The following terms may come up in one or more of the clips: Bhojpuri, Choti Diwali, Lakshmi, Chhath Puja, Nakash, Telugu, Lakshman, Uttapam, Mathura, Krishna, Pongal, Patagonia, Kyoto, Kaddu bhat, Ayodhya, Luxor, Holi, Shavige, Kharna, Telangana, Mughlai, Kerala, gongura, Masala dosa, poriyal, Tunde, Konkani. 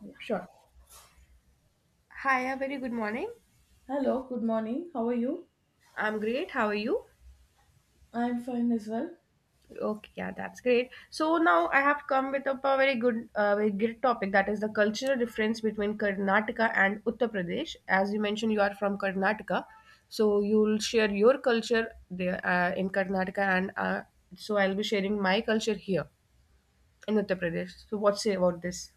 Yeah. Sure. Hi, a very good morning. Hello, good morning. How are you? I'm great. How are you? I'm fine as well. Okay, yeah, that's great. So now I have come with up a very good, very great topic that is the cultural difference between Karnataka and Uttar Pradesh. As you mentioned, you are from Karnataka, so you'll share your culture there in Karnataka, and so I'll be sharing my culture here in Uttar Pradesh. So what say about this?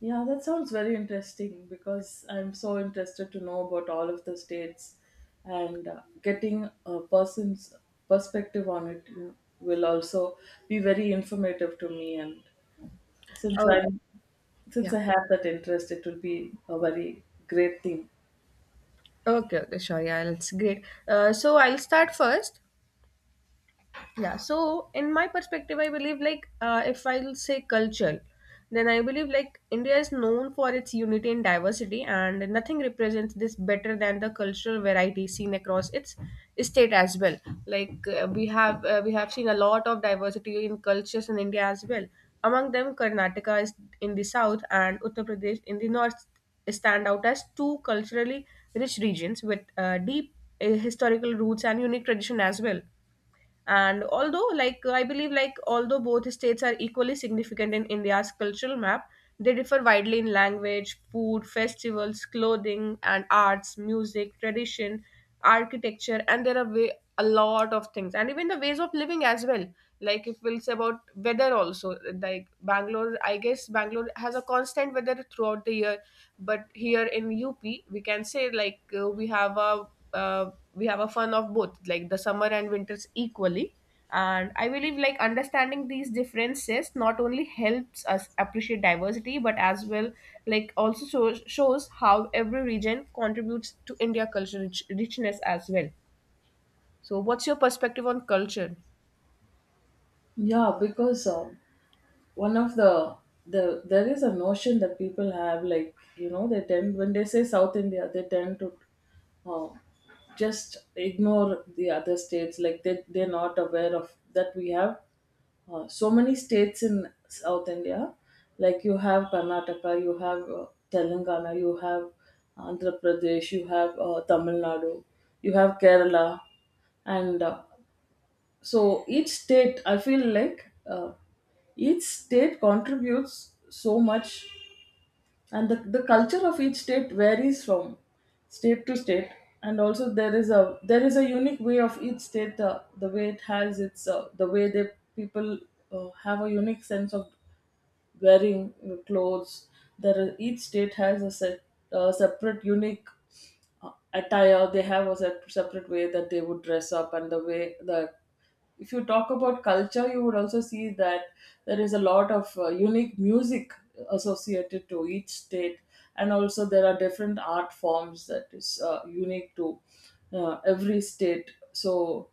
Yeah, that sounds very interesting because I'm so interested to know about all of the states and getting a person's perspective on it. Will also be very informative to me, and since Oh, I'm since yeah. I have that interest, it will be a very great thing. Okay, okay, sure. Yeah, that's great. So I'll start first. Yeah, so in my perspective, I believe like if I'll say culture, then I believe like India is known for its unity and diversity, and nothing represents this better than the cultural variety seen across its state as well. Like we have seen a lot of diversity in cultures in India as well. Among them, Karnataka is in the south and Uttar Pradesh in the north stand out as two culturally rich regions with deep historical roots and unique tradition as well. And although, like, I believe, like, although both states are equally significant in India's cultural map, they differ widely in language, food, festivals, clothing and arts, music, tradition, architecture, and there are way, a lot of things, and even the ways of living as well. Like, if we'll say about weather also, like Bangalore, I guess Bangalore has a constant weather throughout the year, but here in UP we can say like we have a fun of both, like the summer and winters equally. And I believe, like, understanding these differences not only helps us appreciate diversity, but as well, like, also shows how every region contributes to India culture richness as well. So what's your perspective on culture? Yeah, because one of the there is a notion that people have, like, you know, they tend, when they say South India they tend to uh, just ignore the other states, like they're not aware of that we have so many states in South India. Like, you have Karnataka, you have Telangana, you have Andhra Pradesh, you have Tamil Nadu, you have Kerala, and so each state, I feel like, each state contributes so much, and the culture of each state varies from state to state. And also, there is a unique way of each state, the way it has its the way the people have a unique sense of wearing clothes. There, each state has a separate, unique attire. They have a set, separate way that they would dress up, and the way that, if you talk about culture, you would also see that there is a lot of unique music associated to each state, and also there are different art forms that is unique to every state. So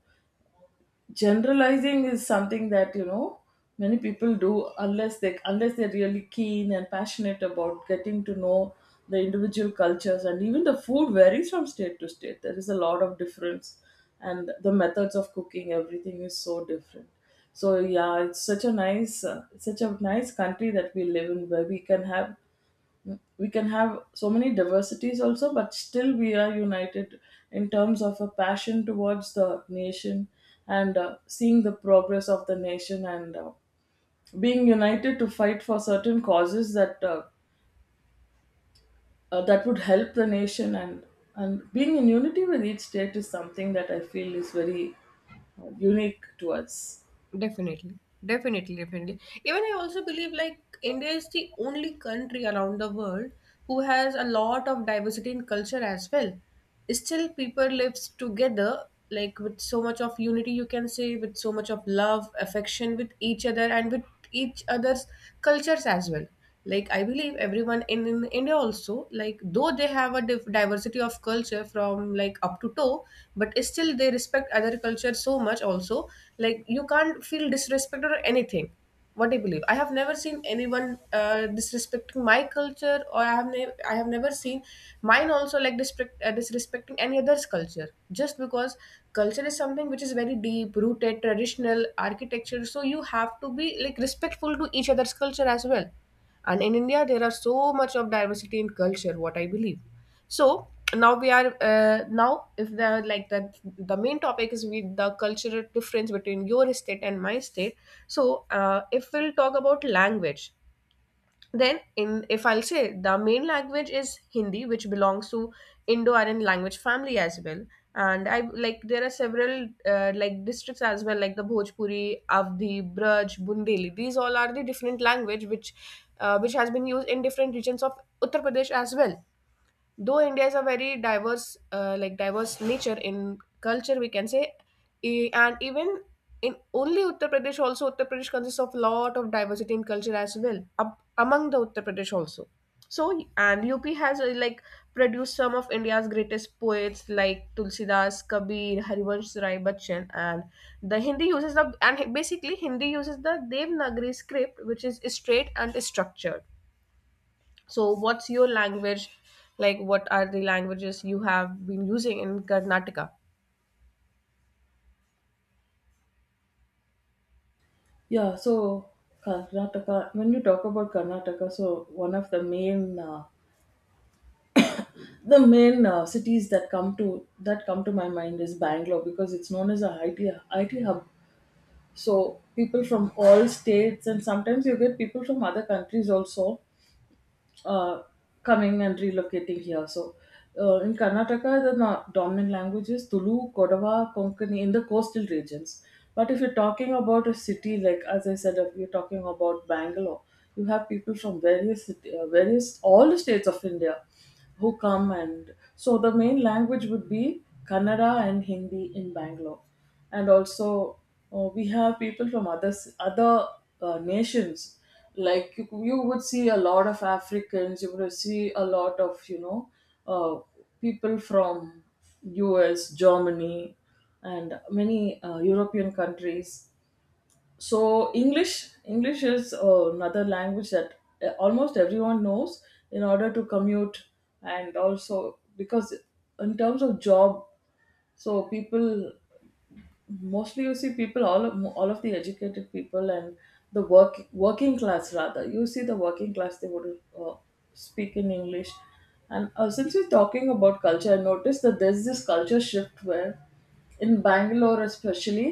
generalizing is something that, you know, many people do, unless they unless they're really keen and passionate about getting to know the individual cultures. And even the food varies from state to state, there is a lot of difference, and the methods of cooking, everything is so different. So yeah, it's such a nice country that we live in, where we can have so many diversities also, but still we are united in terms of a passion towards the nation, and seeing the progress of the nation, and being united to fight for certain causes that that would help the nation, and being in unity with each state is something that I feel is very unique to us. Definitely, definitely, definitely. Even I also believe like India is the only country around the world who has a lot of diversity in culture as well. Still, people lives together like with so much of unity, you can say, with so much of love, affection with each other, and with each other's cultures as well. Like, I believe everyone in India also, like, though they have a diversity of culture from like up to toe, but still they respect other culture so much also. Like, you can't feel disrespect or anything. What I believe, I have never seen anyone disrespecting my culture, or I have I have never seen mine also like disrespect, disrespecting any other's culture, just because culture is something which is very deep rooted, traditional architecture, so you have to be like respectful to each other's culture as well. And in India there are so much of diversity in culture, what I believe. So now we are now if the like that the main topic is with the cultural difference between your state and my state. So if we'll talk about language, then in, if I'll say, the main language is Hindi, which belongs to Indo-Aryan language family as well. And I, like, there are several like districts as well, like the Bhojpuri, Avdi, Braj, Bundeli, these all are the different language which has been used in different regions of Uttar Pradesh as well. Though India is a very diverse like diverse nature in culture, we can say, and even in only Uttar Pradesh also, Uttar Pradesh consists of lot of diversity in culture as well. UP, among the Uttar Pradesh also. So, and UP has like produced some of India's greatest poets like Tulsidas, Kabir, Harivansh Rai Bachchan, and the Hindi uses the, and basically Hindi uses the Devanagari script, which is straight and structured. So, what's your language? Like, what are the languages you have been using in Karnataka? Yeah, so Karnataka, when you talk about Karnataka, so one of the main uh, cities that come to my mind is Bangalore, because it's known as a IT hub. So people from all states, and sometimes you get people from other countries also uh, coming and relocating here. So in Karnataka, the dominant language is Tulu, Kodava, Konkani in the coastal regions. But if you're talking about a city, like, as I said, if you're talking about Bangalore, you have people from various all the states of India who come, and so the main language would be Kannada and Hindi in Bangalore, and also we have people from other nations. Like, you would see a lot of Africans, you would see a lot of, you know, uh, people from U.S., Germany, and many European countries. So English, is another language that almost everyone knows, in order to commute, and also because in terms of job. So people, mostly you see people, all of the educated people, and the work working class, rather, you see the working class, they would speak in English. And since we're talking about culture, I noticed that there's this culture shift where in Bangalore especially,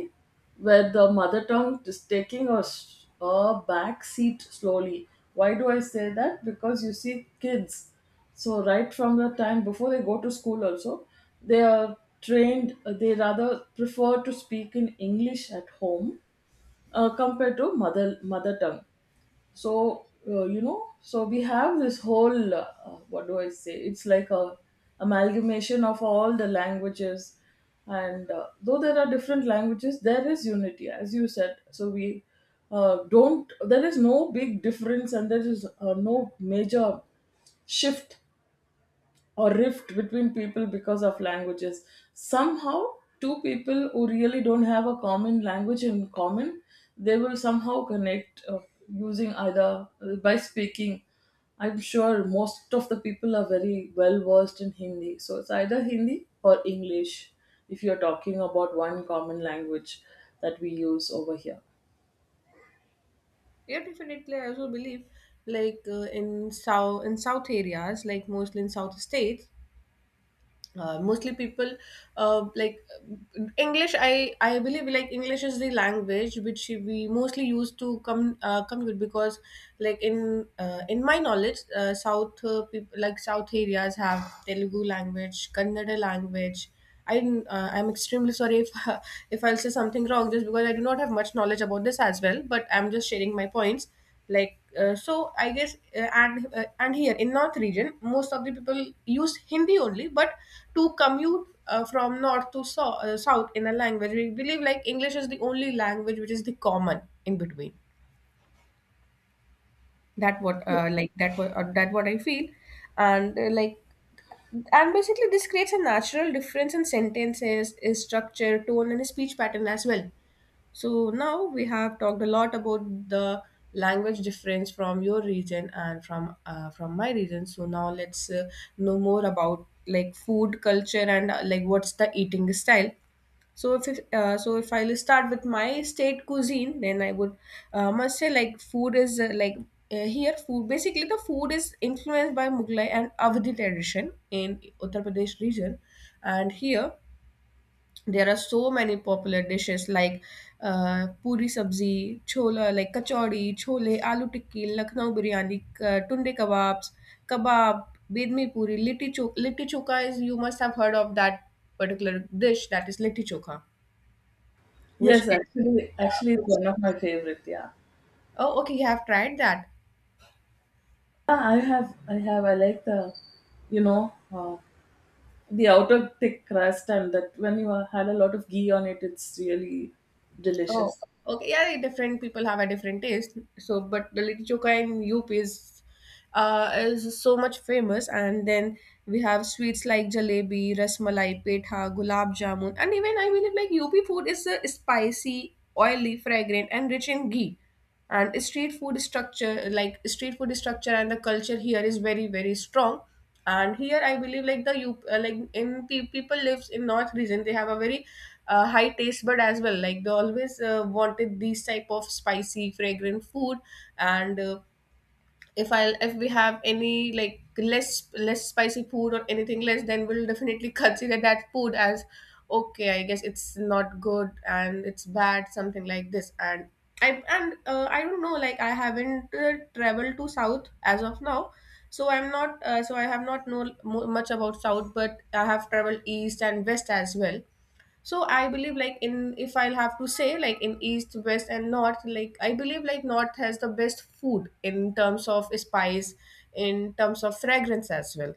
where the mother tongue is taking a, a back seat slowly. Why do I say that? Because you see kids, so right from the time before they go to school also, they are trained, they rather prefer to speak in English at home compared to mother tongue. So you know, so we have this whole what do I say? It's like a amalgamation of all the languages, and though there are different languages, there is unity, as you said. So we don't. There is no big difference, and there is no major shift or rift between people because of languages. Somehow, two people who really don't have a common language in common, they will somehow connect using either by speaking. I'm sure most of the people are very well versed in Hindi, so it's either Hindi or English, if you're talking about one common language that we use over here. Yeah, definitely. I also believe, like in south areas, like mostly in south states, mostly people, uh, like English. I believe like English is the language which we mostly use to come commute, because, like in my knowledge, south people, like south areas have Telugu language, Kannada language. I'm extremely sorry if if I'll say something wrong, just because I do not have much knowledge about this as well. But I'm just sharing my points. Like so, I guess and here in North region, most of the people use Hindi only. But to commute from North to South in a language, we believe like English is the only language which is the common in between. That what I feel. And basically this creates a natural difference in sentences is structure, tone and speech pattern as well. So now we have talked a lot about the language difference from your region and from my region. So now let's know more about like food culture and like what's the eating style. So so, if I'll start with my state cuisine, then I would must say like food is here food basically the food is influenced by Mughlai and Avadi tradition in Uttar Pradesh region, and here there are so many popular dishes like puri sabzi, chola, like kachori, chole, aloo tikki, Lucknow biryani, tunde kebabs, kebab, bedmi puri, litti choka. Litti choka is, you must have heard of that particular dish, that is litti choka, which Yes, is, actually, yeah, actually, it's which, one of my favorite. Yeah. oh okay you have tried that. Yeah, I have, I like you know, uh, the outer thick crust, and that, when you had a lot of ghee on it, it's really Oh, delicious. okay. Yeah, different people have a different taste. So but the litti chokha in UP is so much famous, and then we have sweets like jalebi, rasmalai, petha, gulab jamun. And even I believe like UP food is spicy, oily, fragrant and rich in ghee. And street food structure, like street food structure and the culture here is very, very strong. And here I believe like the you people lives in north region, they have a very high taste bud as well. Like they always wanted these type of spicy fragrant food. And if I, if we have any like less spicy food or anything less, then we'll definitely consider that food as, okay I guess it's not good and it's bad, something like this. And I don't know, like I haven't traveled to south as of now, so I'm not so I have not know much about south, but I have traveled east and west as well. So I believe like in, if I'll have to say like in east, west and north, like I believe like north has the best food in terms of spice, in terms of fragrance as well.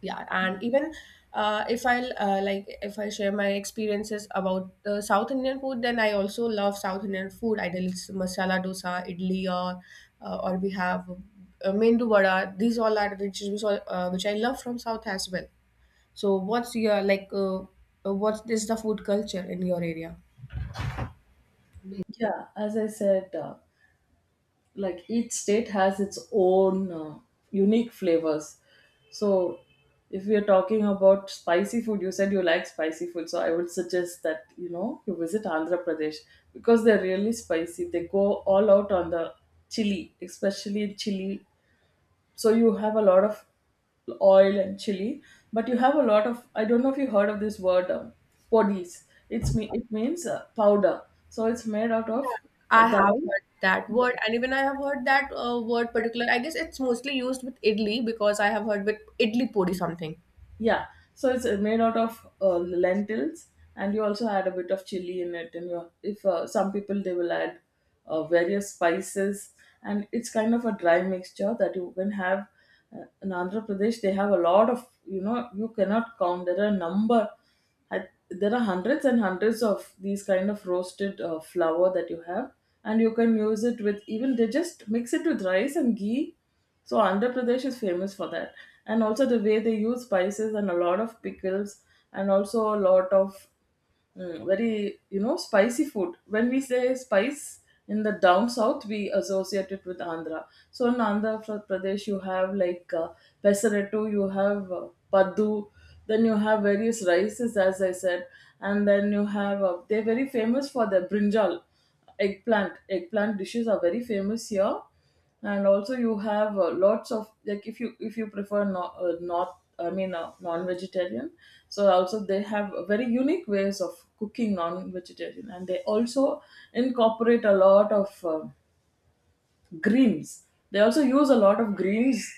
Yeah, and even if I'll if I share my experiences about the south Indian food, then I also love south Indian food, ideally it's masala dosa, idli, or we have mendu vada, these all are dishes which, all, which I love from south as well. So what's your like what is the food culture in your area? Yeah, as I said, like each state has its own unique flavors. So if we are talking about spicy food, you said you like spicy food, so I would suggest that, you know, you visit Andhra Pradesh, because they're really spicy, they go all out on the chili, especially chili. So you have a lot of oil and chili. But you have a lot of, I don't know if you heard of this word, podis. It's me it means powder. So it's made out of I have dal. heard that word, and even I have heard that word particular. I guess it's mostly used with idli, because I have heard with idli puri something. Yeah, so it's made out of lentils, and you also add a bit of chili in it. And you, if some people, they will add various spices, and it's kind of a dry mixture that you can have. In Andhra Pradesh, they have a lot of, you know, you cannot count. There are there are hundreds and hundreds of these kind of roasted flour that you have, and you can use it with, even they just mix it with rice and ghee. So Andhra Pradesh is famous for that, and also the way they use spices and a lot of pickles, and also a lot of very, you know, spicy food. When we say spice in the down south, we associate it with Andhra. So in Pradesh, you have like pesarettu, you have paddu, then you have various rices, as I said, and then you have they're very famous for the brinjal, eggplant. Eggplant dishes are very famous here, and also you have lots of, like, if you, if you prefer not not I mean non-vegetarian, so also they have very unique ways of cooking non-vegetarian, and they also incorporate a lot of greens. They also use a lot of greens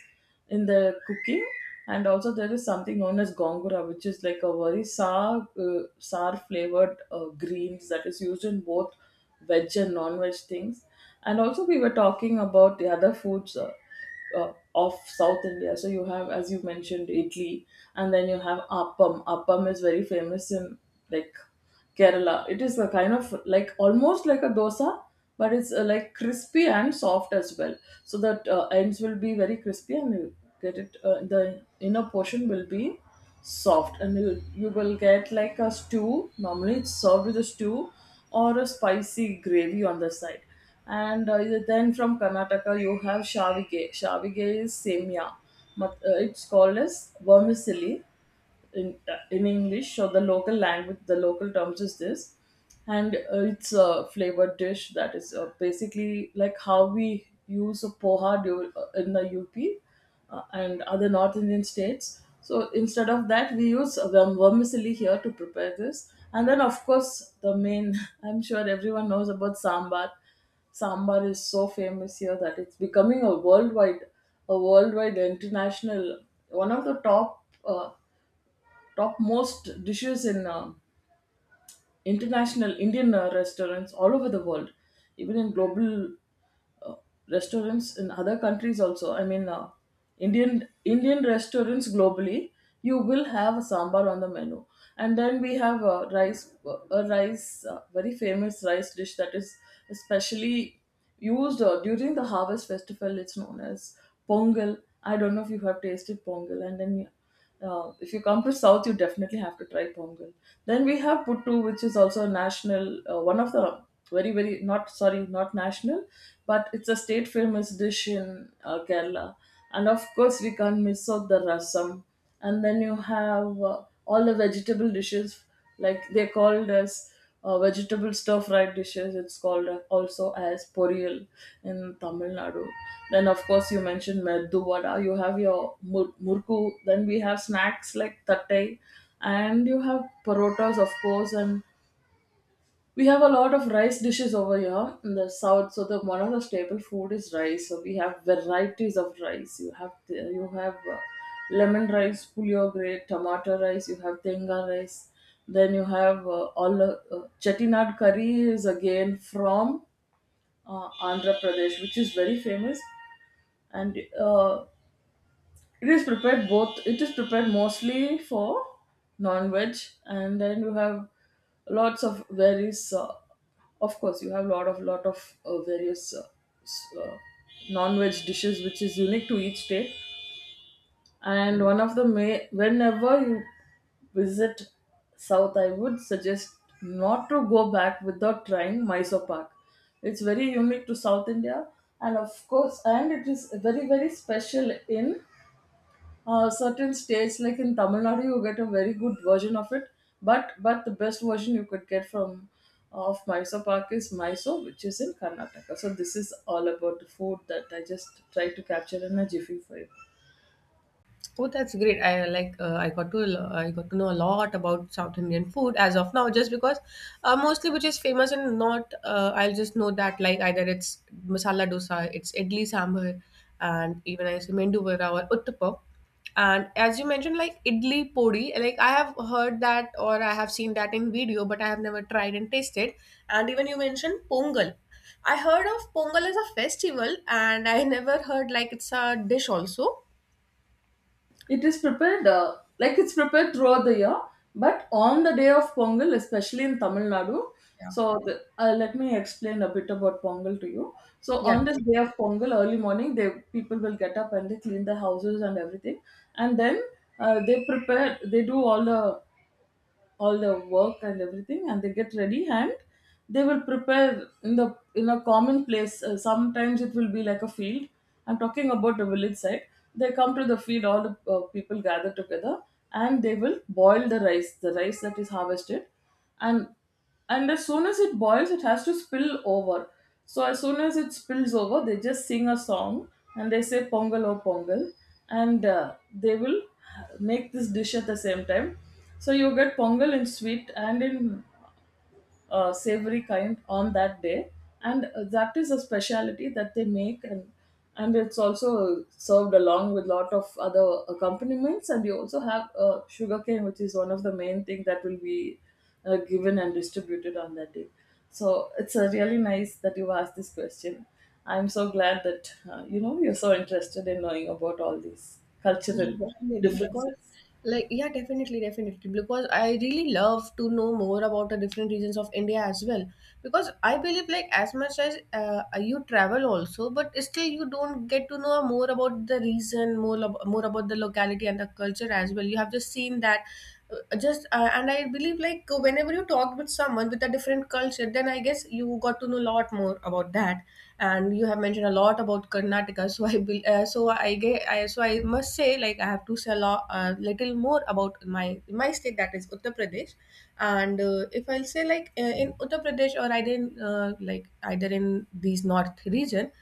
in their cooking, and also there is something known as gongura, which is like a very sour flavored greens that is used in both veg and non-veg things. And also we were talking about the other foods. Of South India. So you have, as you mentioned, Italy, and then you have appam. Appam is very famous in like Kerala. It is a kind of like almost like a dosa, but it's like crispy and soft as well. So that ends will be very crispy, and you get it. The inner portion will be soft, and you will get like a stew. Normally, it's served with a stew or a spicy gravy on the side. And then from Karnataka, you have Shavige. Shavige is semia. It's called as vermicelli in English, or the local language, the local terms is this, and it's a flavored dish that is basically like how we use a poha in the UP and other North Indian states. So instead of that, we use vermicelli here to prepare this, and then, of course, the main. I'm sure everyone knows about sambar. Sambar is so famous here that it's becoming a worldwide international one of the top topmost dishes in international Indian restaurants all over the world, even in global uh, restaurants in other countries also. I mean, Indian, restaurants globally, you will have a sambar on the menu. And then we have a rice, very famous rice dish that is especially used during the harvest festival. It's known as pongal. I don't know if you have tasted pongal, and then yeah, if you come to South, you definitely have to try Pongal. Then we have Puttu, which is also a one of the very, very, not, sorry, not national, but it's a state famous dish in Kerala. And of course, we can't miss out the rasam. And then you have all the vegetable dishes, like they're called as vegetable stir fried dishes. It's called also as poriyal in Tamil Nadu. Then of course you mentioned meddu vada. You have your murku. Then we have snacks like tattai, and you have parotas of course, and we have a lot of rice dishes over here in the south. So the one of the staple food is rice. So we have varieties of rice. You have you have lemon rice, puliyogre, tomato rice. You have tenga rice. Then you have all the chettinad curry is again from Andhra Pradesh, which is very famous. And uh, it is prepared both. It is prepared mostly for non-veg, and then you have lots of various. Of course, you have lot of various s- uh, non-veg dishes, which is unique to each state. And one of the may whenever you visit south, I would suggest not to go back without trying Mysore Pak. It's very unique to South India, and of course, and it is very very special in certain states. Like in Tamil Nadu you get a very good version of it, but the best version you could get from of Mysore Park is Mysore, which is in Karnataka. So this is all about the food that I just try to capture in a jiffy for you. Oh, that's great. I like I got to I got to know a lot about South Indian food as of now, just because mostly which is famous and not I'll just know that like either it's masala dosa, it's idli sambar, and even I say mendu vada or uttapam. And as you mentioned, like idli podi, like I have heard that or I have seen that in video, but I have never tried and tasted. And even you mentioned pongal. I heard of pongal as a festival, and I never heard like it's a dish also. It's prepared throughout the year, but on the day of Pongal, especially in Tamil Nadu. Yeah. So let me explain a bit about Pongal to you. So Yeah. on this day of Pongal, early morning, they people will get up and they clean the houses and everything, and then they prepare. They do all the work and everything, and they get ready, and they will prepare in the in a common place. Uh, sometimes it will be like a field. I'm talking about the village side. They come to the field, all the people gather together, and they will boil the rice that is harvested. And and as soon as it boils, it has to spill over. So as soon as it spills over, they just sing a song and they say pongal or pongal, and they will make this dish at the same time. So you get pongal in sweet and in savory kind on that day, and that is a speciality that they make. And and it's also served along with lot of other accompaniments, and you also have sugarcane, which is one of the main thing that will be given and distributed on that day. So it's a really nice that you asked this question. I'm so glad that you're so interested in knowing about all these Yeah, cultural definitely. Because, differences. like, yeah, definitely, definitely. Because I really love to know more about the different regions of India as well. Because I believe, like, as much as you travel also, but still you don't get to know more about the region, more, more about the locality and the culture as well. You have just seen that. Uh, just uh, and I believe whenever you talk with someone with a different culture, then I guess you got to know a lot more about that. And you have mentioned a lot about Karnataka. so I will so I get I, so I must say, I have to say a lot, little more about my state, that is Uttar Pradesh. And If I'll say in Uttar Pradesh, or either in either in these north region,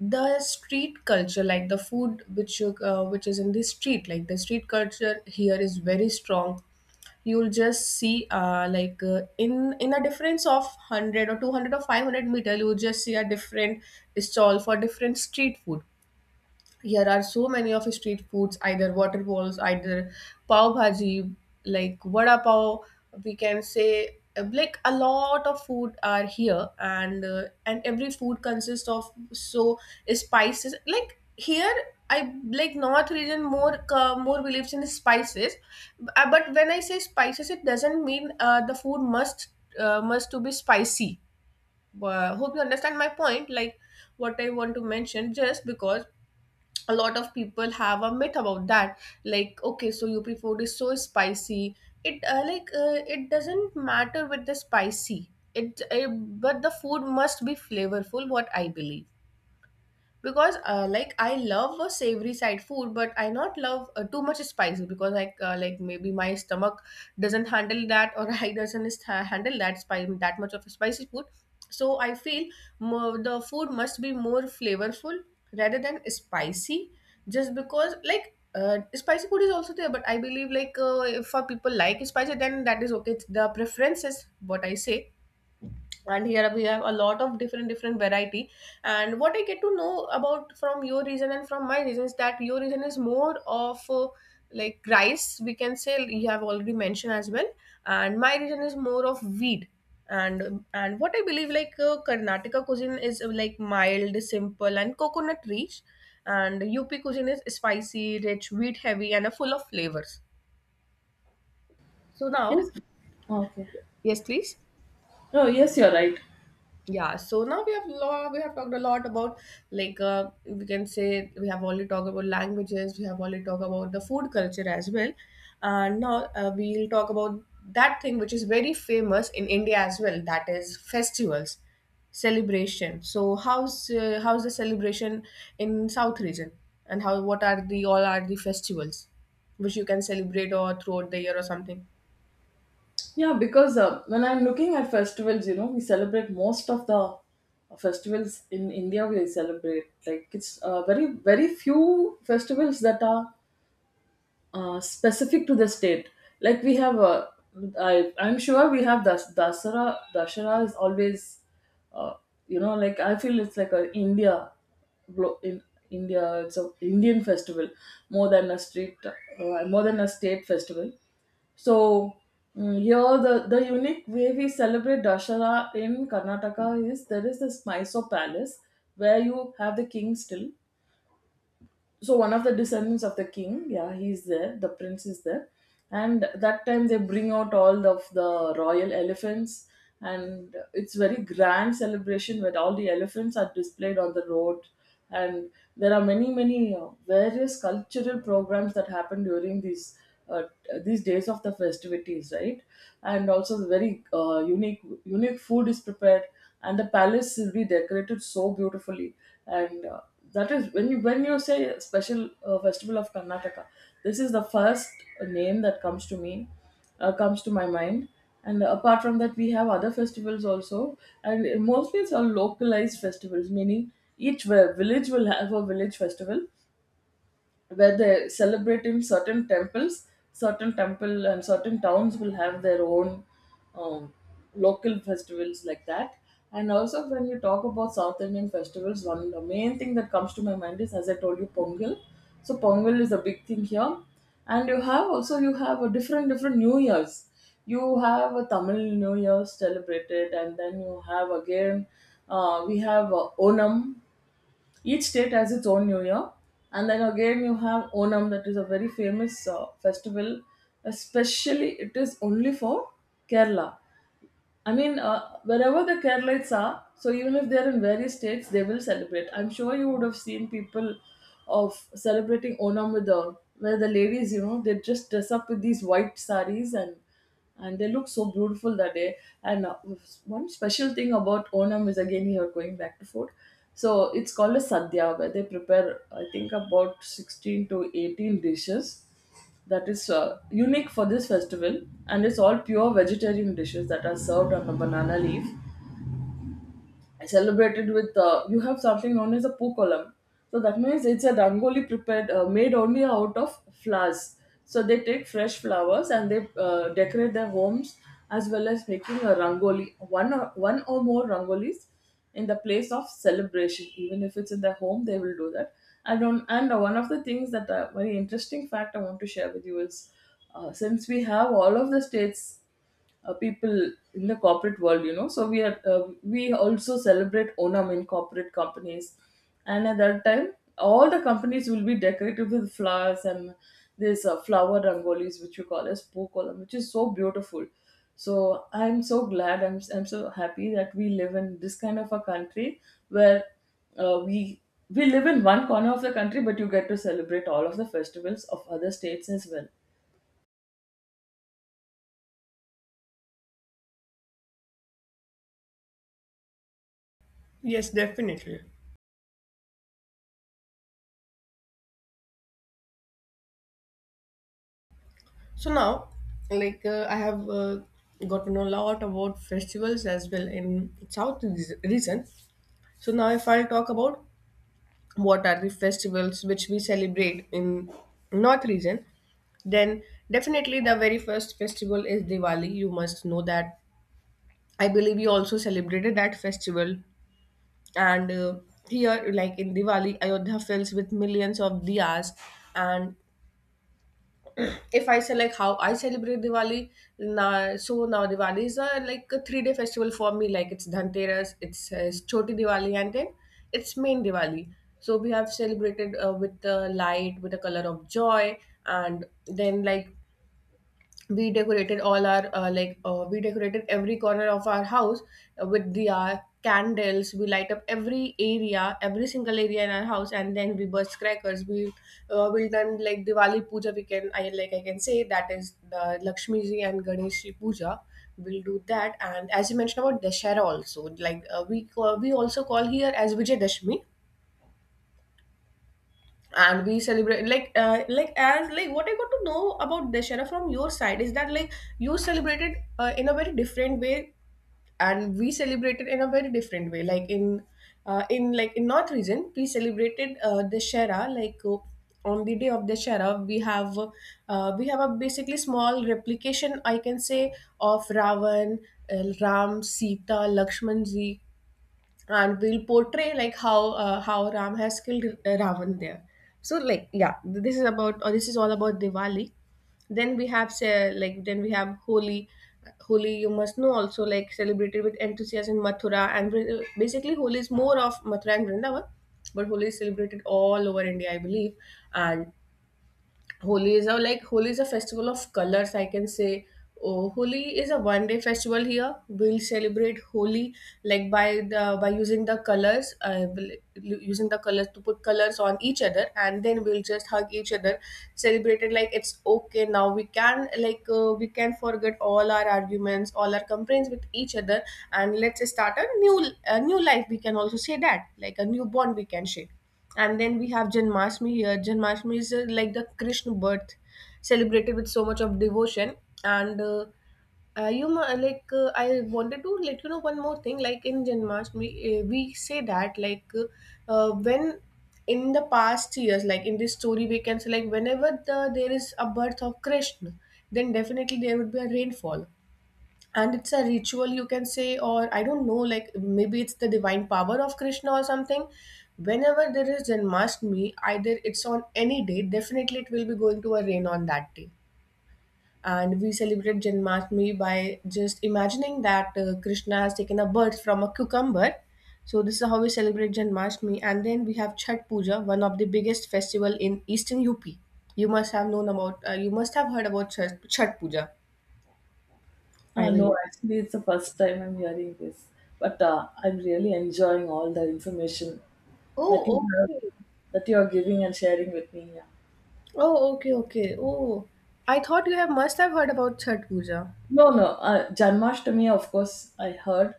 the street culture, like the food which which is in the street, like the street culture here is very strong. You'll just see in a difference of 100 or 200 or 500 meter, you'll just see a different stall for different street food. Here are so many of street foods, either water balls, either pav bhaji, like vada pav. We can say like a lot of food are here, and every food consists of so spices. Like here, I like North region more, more believes in spices. But when I say spices, it doesn't mean the food must to be spicy. Hope you understand my point. Like what I want to mention, just because a lot of people have a myth about that, like okay, so UP food is so spicy. It doesn't matter with the spicy, but the food must be flavorful, what I believe. Because I love a savory side food, but I not love too much spicy, because maybe my stomach doesn't handle that, or I doesn't sta- handle that spice, that much of a spicy food. So I feel more the food must be more flavorful rather than spicy. Just because spicy food is also there, but I believe if for people like spicy, then that is okay, it's the preferences, what I say. And here we have a lot of different different variety. And what I get to know about, from your region and from my region, is that your region is more of rice, we can say, you have already mentioned as well. And my region is more of wheat. And what I believe, Karnataka cuisine is like mild, simple and coconut rich. And UP cuisine is spicy rich, wheat heavy and full of flavors. So Yes. now, Okay. yes please. Oh, yes, you're right. Yeah, so now we have law, we have talked a lot about, we can say, we have already talked about languages, we have already talked about the food culture as well. And now we'll talk about that thing which is very famous in India as well, that is festivals, celebration. So how's how's the celebration in South region, and how what are the all are the festivals which you can celebrate or throughout the year or something? Yeah, because when I'm looking at festivals, we celebrate most of the festivals in India. We celebrate like it's very very few festivals that are specific to the state. Like we have, I'm sure we have Dasara. Dasara is always, uh, like I feel it's like a India, in India, it's a Indian festival more than a state festival. So here the unique way we celebrate Dashara in Karnataka is there is this Mysore palace where you have the king still. So one of the descendants of the king, yeah, he's there, the prince is there. And that time they bring out all of the royal elephants, and it's very grand celebration where all the elephants are displayed on the road. And there are many many various cultural programs that happen during uh, these days of the festivities, right? And also the very unique unique food is prepared, and the palace will be decorated so beautifully. And that is when you say special festival of Karnataka, this is the first name that comes to my mind. And apart from that we have other festivals also, and mostly it's all localized festivals, meaning each village will have a village festival where they celebrate in certain temples, certain temple and certain towns will have their own um, local festivals like that. And also when you talk about South Indian festivals, one the main thing that comes to my mind is, as I told you, Pongal. So Pongal is a big thing here, and you have also you have a different different new years. You have a Tamil New Year celebrated, and then you have again we have Onam. Each state has its own New Year, and then again you have Onam, that is a very famous festival. Especially, it is only for Kerala. I mean, wherever the Keralites are, so even if they're in various states, they will celebrate. I'm sure you would have seen people of celebrating Onam with the where the ladies, they just dress up with these white saris, and they look so beautiful that day. And one special thing about Onam is, again, here going back to food. So it's called a sadhya where they prepare, I think, about 16 to 18 dishes that is unique for this festival, and it's all pure vegetarian dishes that are served on a banana leaf. I celebrated with you have something known as a poo column. So that means it's a rangoli prepared made only out of flowers. So they take fresh flowers and they decorate their homes, as well as making a rangoli, one or more rangolis in the place of celebration. Even if it's in their home, they will do that. I don't. And one of the things that very interesting fact I want to share with you is, since we have all of the states, people in the corporate world, you know, so we also celebrate Onam in corporate companies, and at that time all the companies will be decorated with flowers and this flower rangolis, which we call as pookolam, which is so beautiful. So I'm so glad. I'm so happy that we live in this kind of a country where uh, we we live in one corner of the country, but you get to celebrate all of the festivals of other states as well. Yes, definitely. So now, I have got to know a lot about festivals as well in South region. So now, if I'll talk about what are the festivals which we celebrate in North region, then definitely the very first festival is Diwali. You must know that. I believe we also celebrated that festival, and here, like in Diwali, Ayodhya fills with millions of diyas. And if I say like how I celebrate Diwali, now, so now Diwali is a, like a 3 day festival for me. Like it's Dhanteras, it's, Choti Diwali, and then it's main Diwali. So we have celebrated with the light, with the color of joy. And then like we decorated all our we decorated every corner of our house with the candles, we light up every area, every single area in our house. And then we burst crackers, we will done like Diwali puja, we can, I can say, that is the Lakshmi ji and Ganesh ji puja, we'll do that. And as you mentioned about Dashera also, we call, we also call here as Vijay Dashmi. And we celebrate like, what I got to know about Dashera from your side is that like you celebrated in a very different way, and we celebrated in a very different way. Like in in North region we celebrated Dashera on the day of Dashera, we have a basically small replication, I can say, of Ravan, Ram, Sita, Lakshman ji. And we'll portray like how Ram has killed Ravan there. So like yeah, this is about, or this is all about Diwali. Then we have say, like then we have Holi. Holi you must know also, like celebrated with enthusiasm in Mathura and basically Holi is more of Mathura and Vrindavan, but Holi is celebrated all over India, I believe. And Holi is a like, Holi is a festival of colors, I can say. Oh, Holi is a 1 day festival here. We'll celebrate Holi like by the by using the colors, using the colors to put colors on each other, and then we'll just hug each other, celebrate it like it's okay now. We can we can forget all our arguments, all our complaints with each other, and let's start a new, a new life. We can also say that like a new bond we can share. And then we have Janmashtami here. Janmashtami is like the Krishna birth, celebrated with so much of devotion. And you ma- like I wanted to let you know one more thing. Like in Janmashtami, we say that like when in the past years, like in this story, we can say like whenever there is a birth of Krishna, then definitely there would be a rainfall. And it's a ritual, you can say, or I don't know, like maybe it's the divine power of Krishna or something. Whenever there is Janmashtami, either it's on any day, definitely it will be going to a rain on that day. And we celebrate Janmashtami by just imagining that Krishna has taken a birth from a cucumber. So this is how we celebrate Janmashtami. And then we have Chhat Puja, one of the biggest festival in eastern UP. You must have known about you must have heard about Chhat Puja. I No, will. actually, it's the first time I'm hearing this, but I'm really enjoying all the information Oh, that you have, okay. that you are giving and sharing with me. Yeah. Oh, okay, okay. Oh, I thought you have must have heard about Chhath Puja. No, no, Janmashtami, of course, I heard,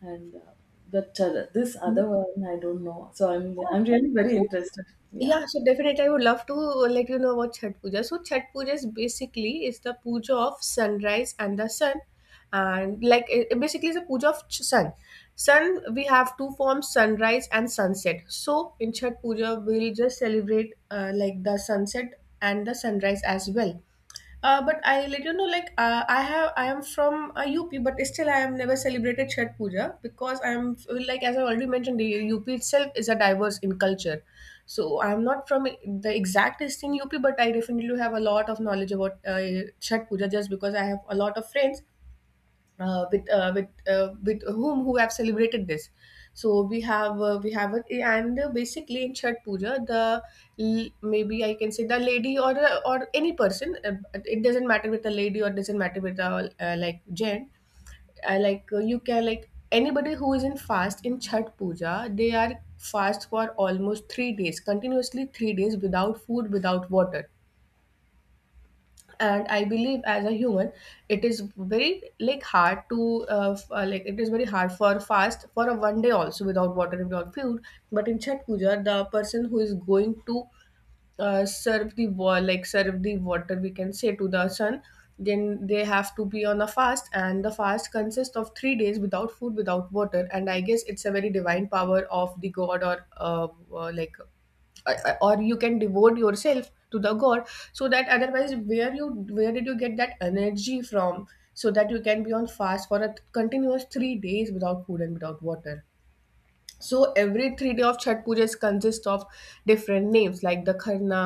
and but this other Mhm. one I don't know. So I'm Oh, I'm okay. really very So interested. Yeah. yeah, so definitely I would love to let you know about Chhath Puja. So Chhath Puja is basically is the puja of sunrise and the sun. And like it basically is a puja of sun. Sun we have two forms, sunrise and sunset. So in Chhath Puja we'll just celebrate like the sunset and the sunrise as well. But I let you know, I am from UP, but still I have never celebrated Chhat Puja, because I am like, as I already mentioned, the UP itself is a diverse in culture. So I am not from the exactest in UP, but I definitely have a lot of knowledge about Chhat Puja, just because I have a lot of friends with whom who have celebrated this. So we have it. And basically in Chhat Puja, the maybe I can say the lady, or any person, it doesn't matter with a lady or doesn't matter with a like gent, you can, like anybody who is in fast in Chhat Puja, they are fast for almost 3 days continuously, 3 days without food, without water. And I believe, as a human, it is very like hard to it is very hard for fast for a 1 day also, without water and without food. But in Chat Puja, the person who is going to serve the serve the water, we can say, to the sun, then they have to be on a fast. And the fast consists of 3 days without food, without water. And I guess it's a very divine power of the god, or uh, like or you can devote yourself to the god. So that otherwise, where you, where did you get that energy from, so that you can be on fast for a continuous 3 days without food and without water. So every 3 day of chat pujas consists of different names, like the Kharna,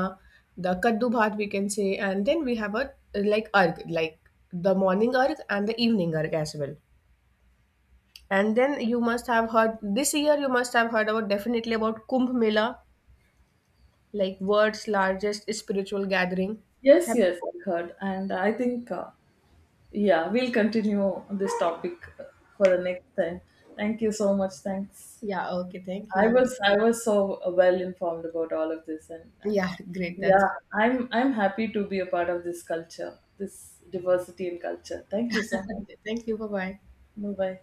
the Kaddu Bhat, we can say. And then we have a arg, like the morning arg and the evening arg as well. And then you must have heard this year, you must have heard about, definitely, about Kumbh Mela, like world's largest spiritual gathering. Yes, Have- yes, I heard, and I think, yeah, we'll continue this topic for the next time. Thank you so much. Thanks. Yeah, okay, thank I you. was I was so well informed about all of this, and Yeah, great. That's Yeah, I'm happy to be a part of this culture, this diversity in culture. Thank you so much. thank you. Bye bye. Bye bye.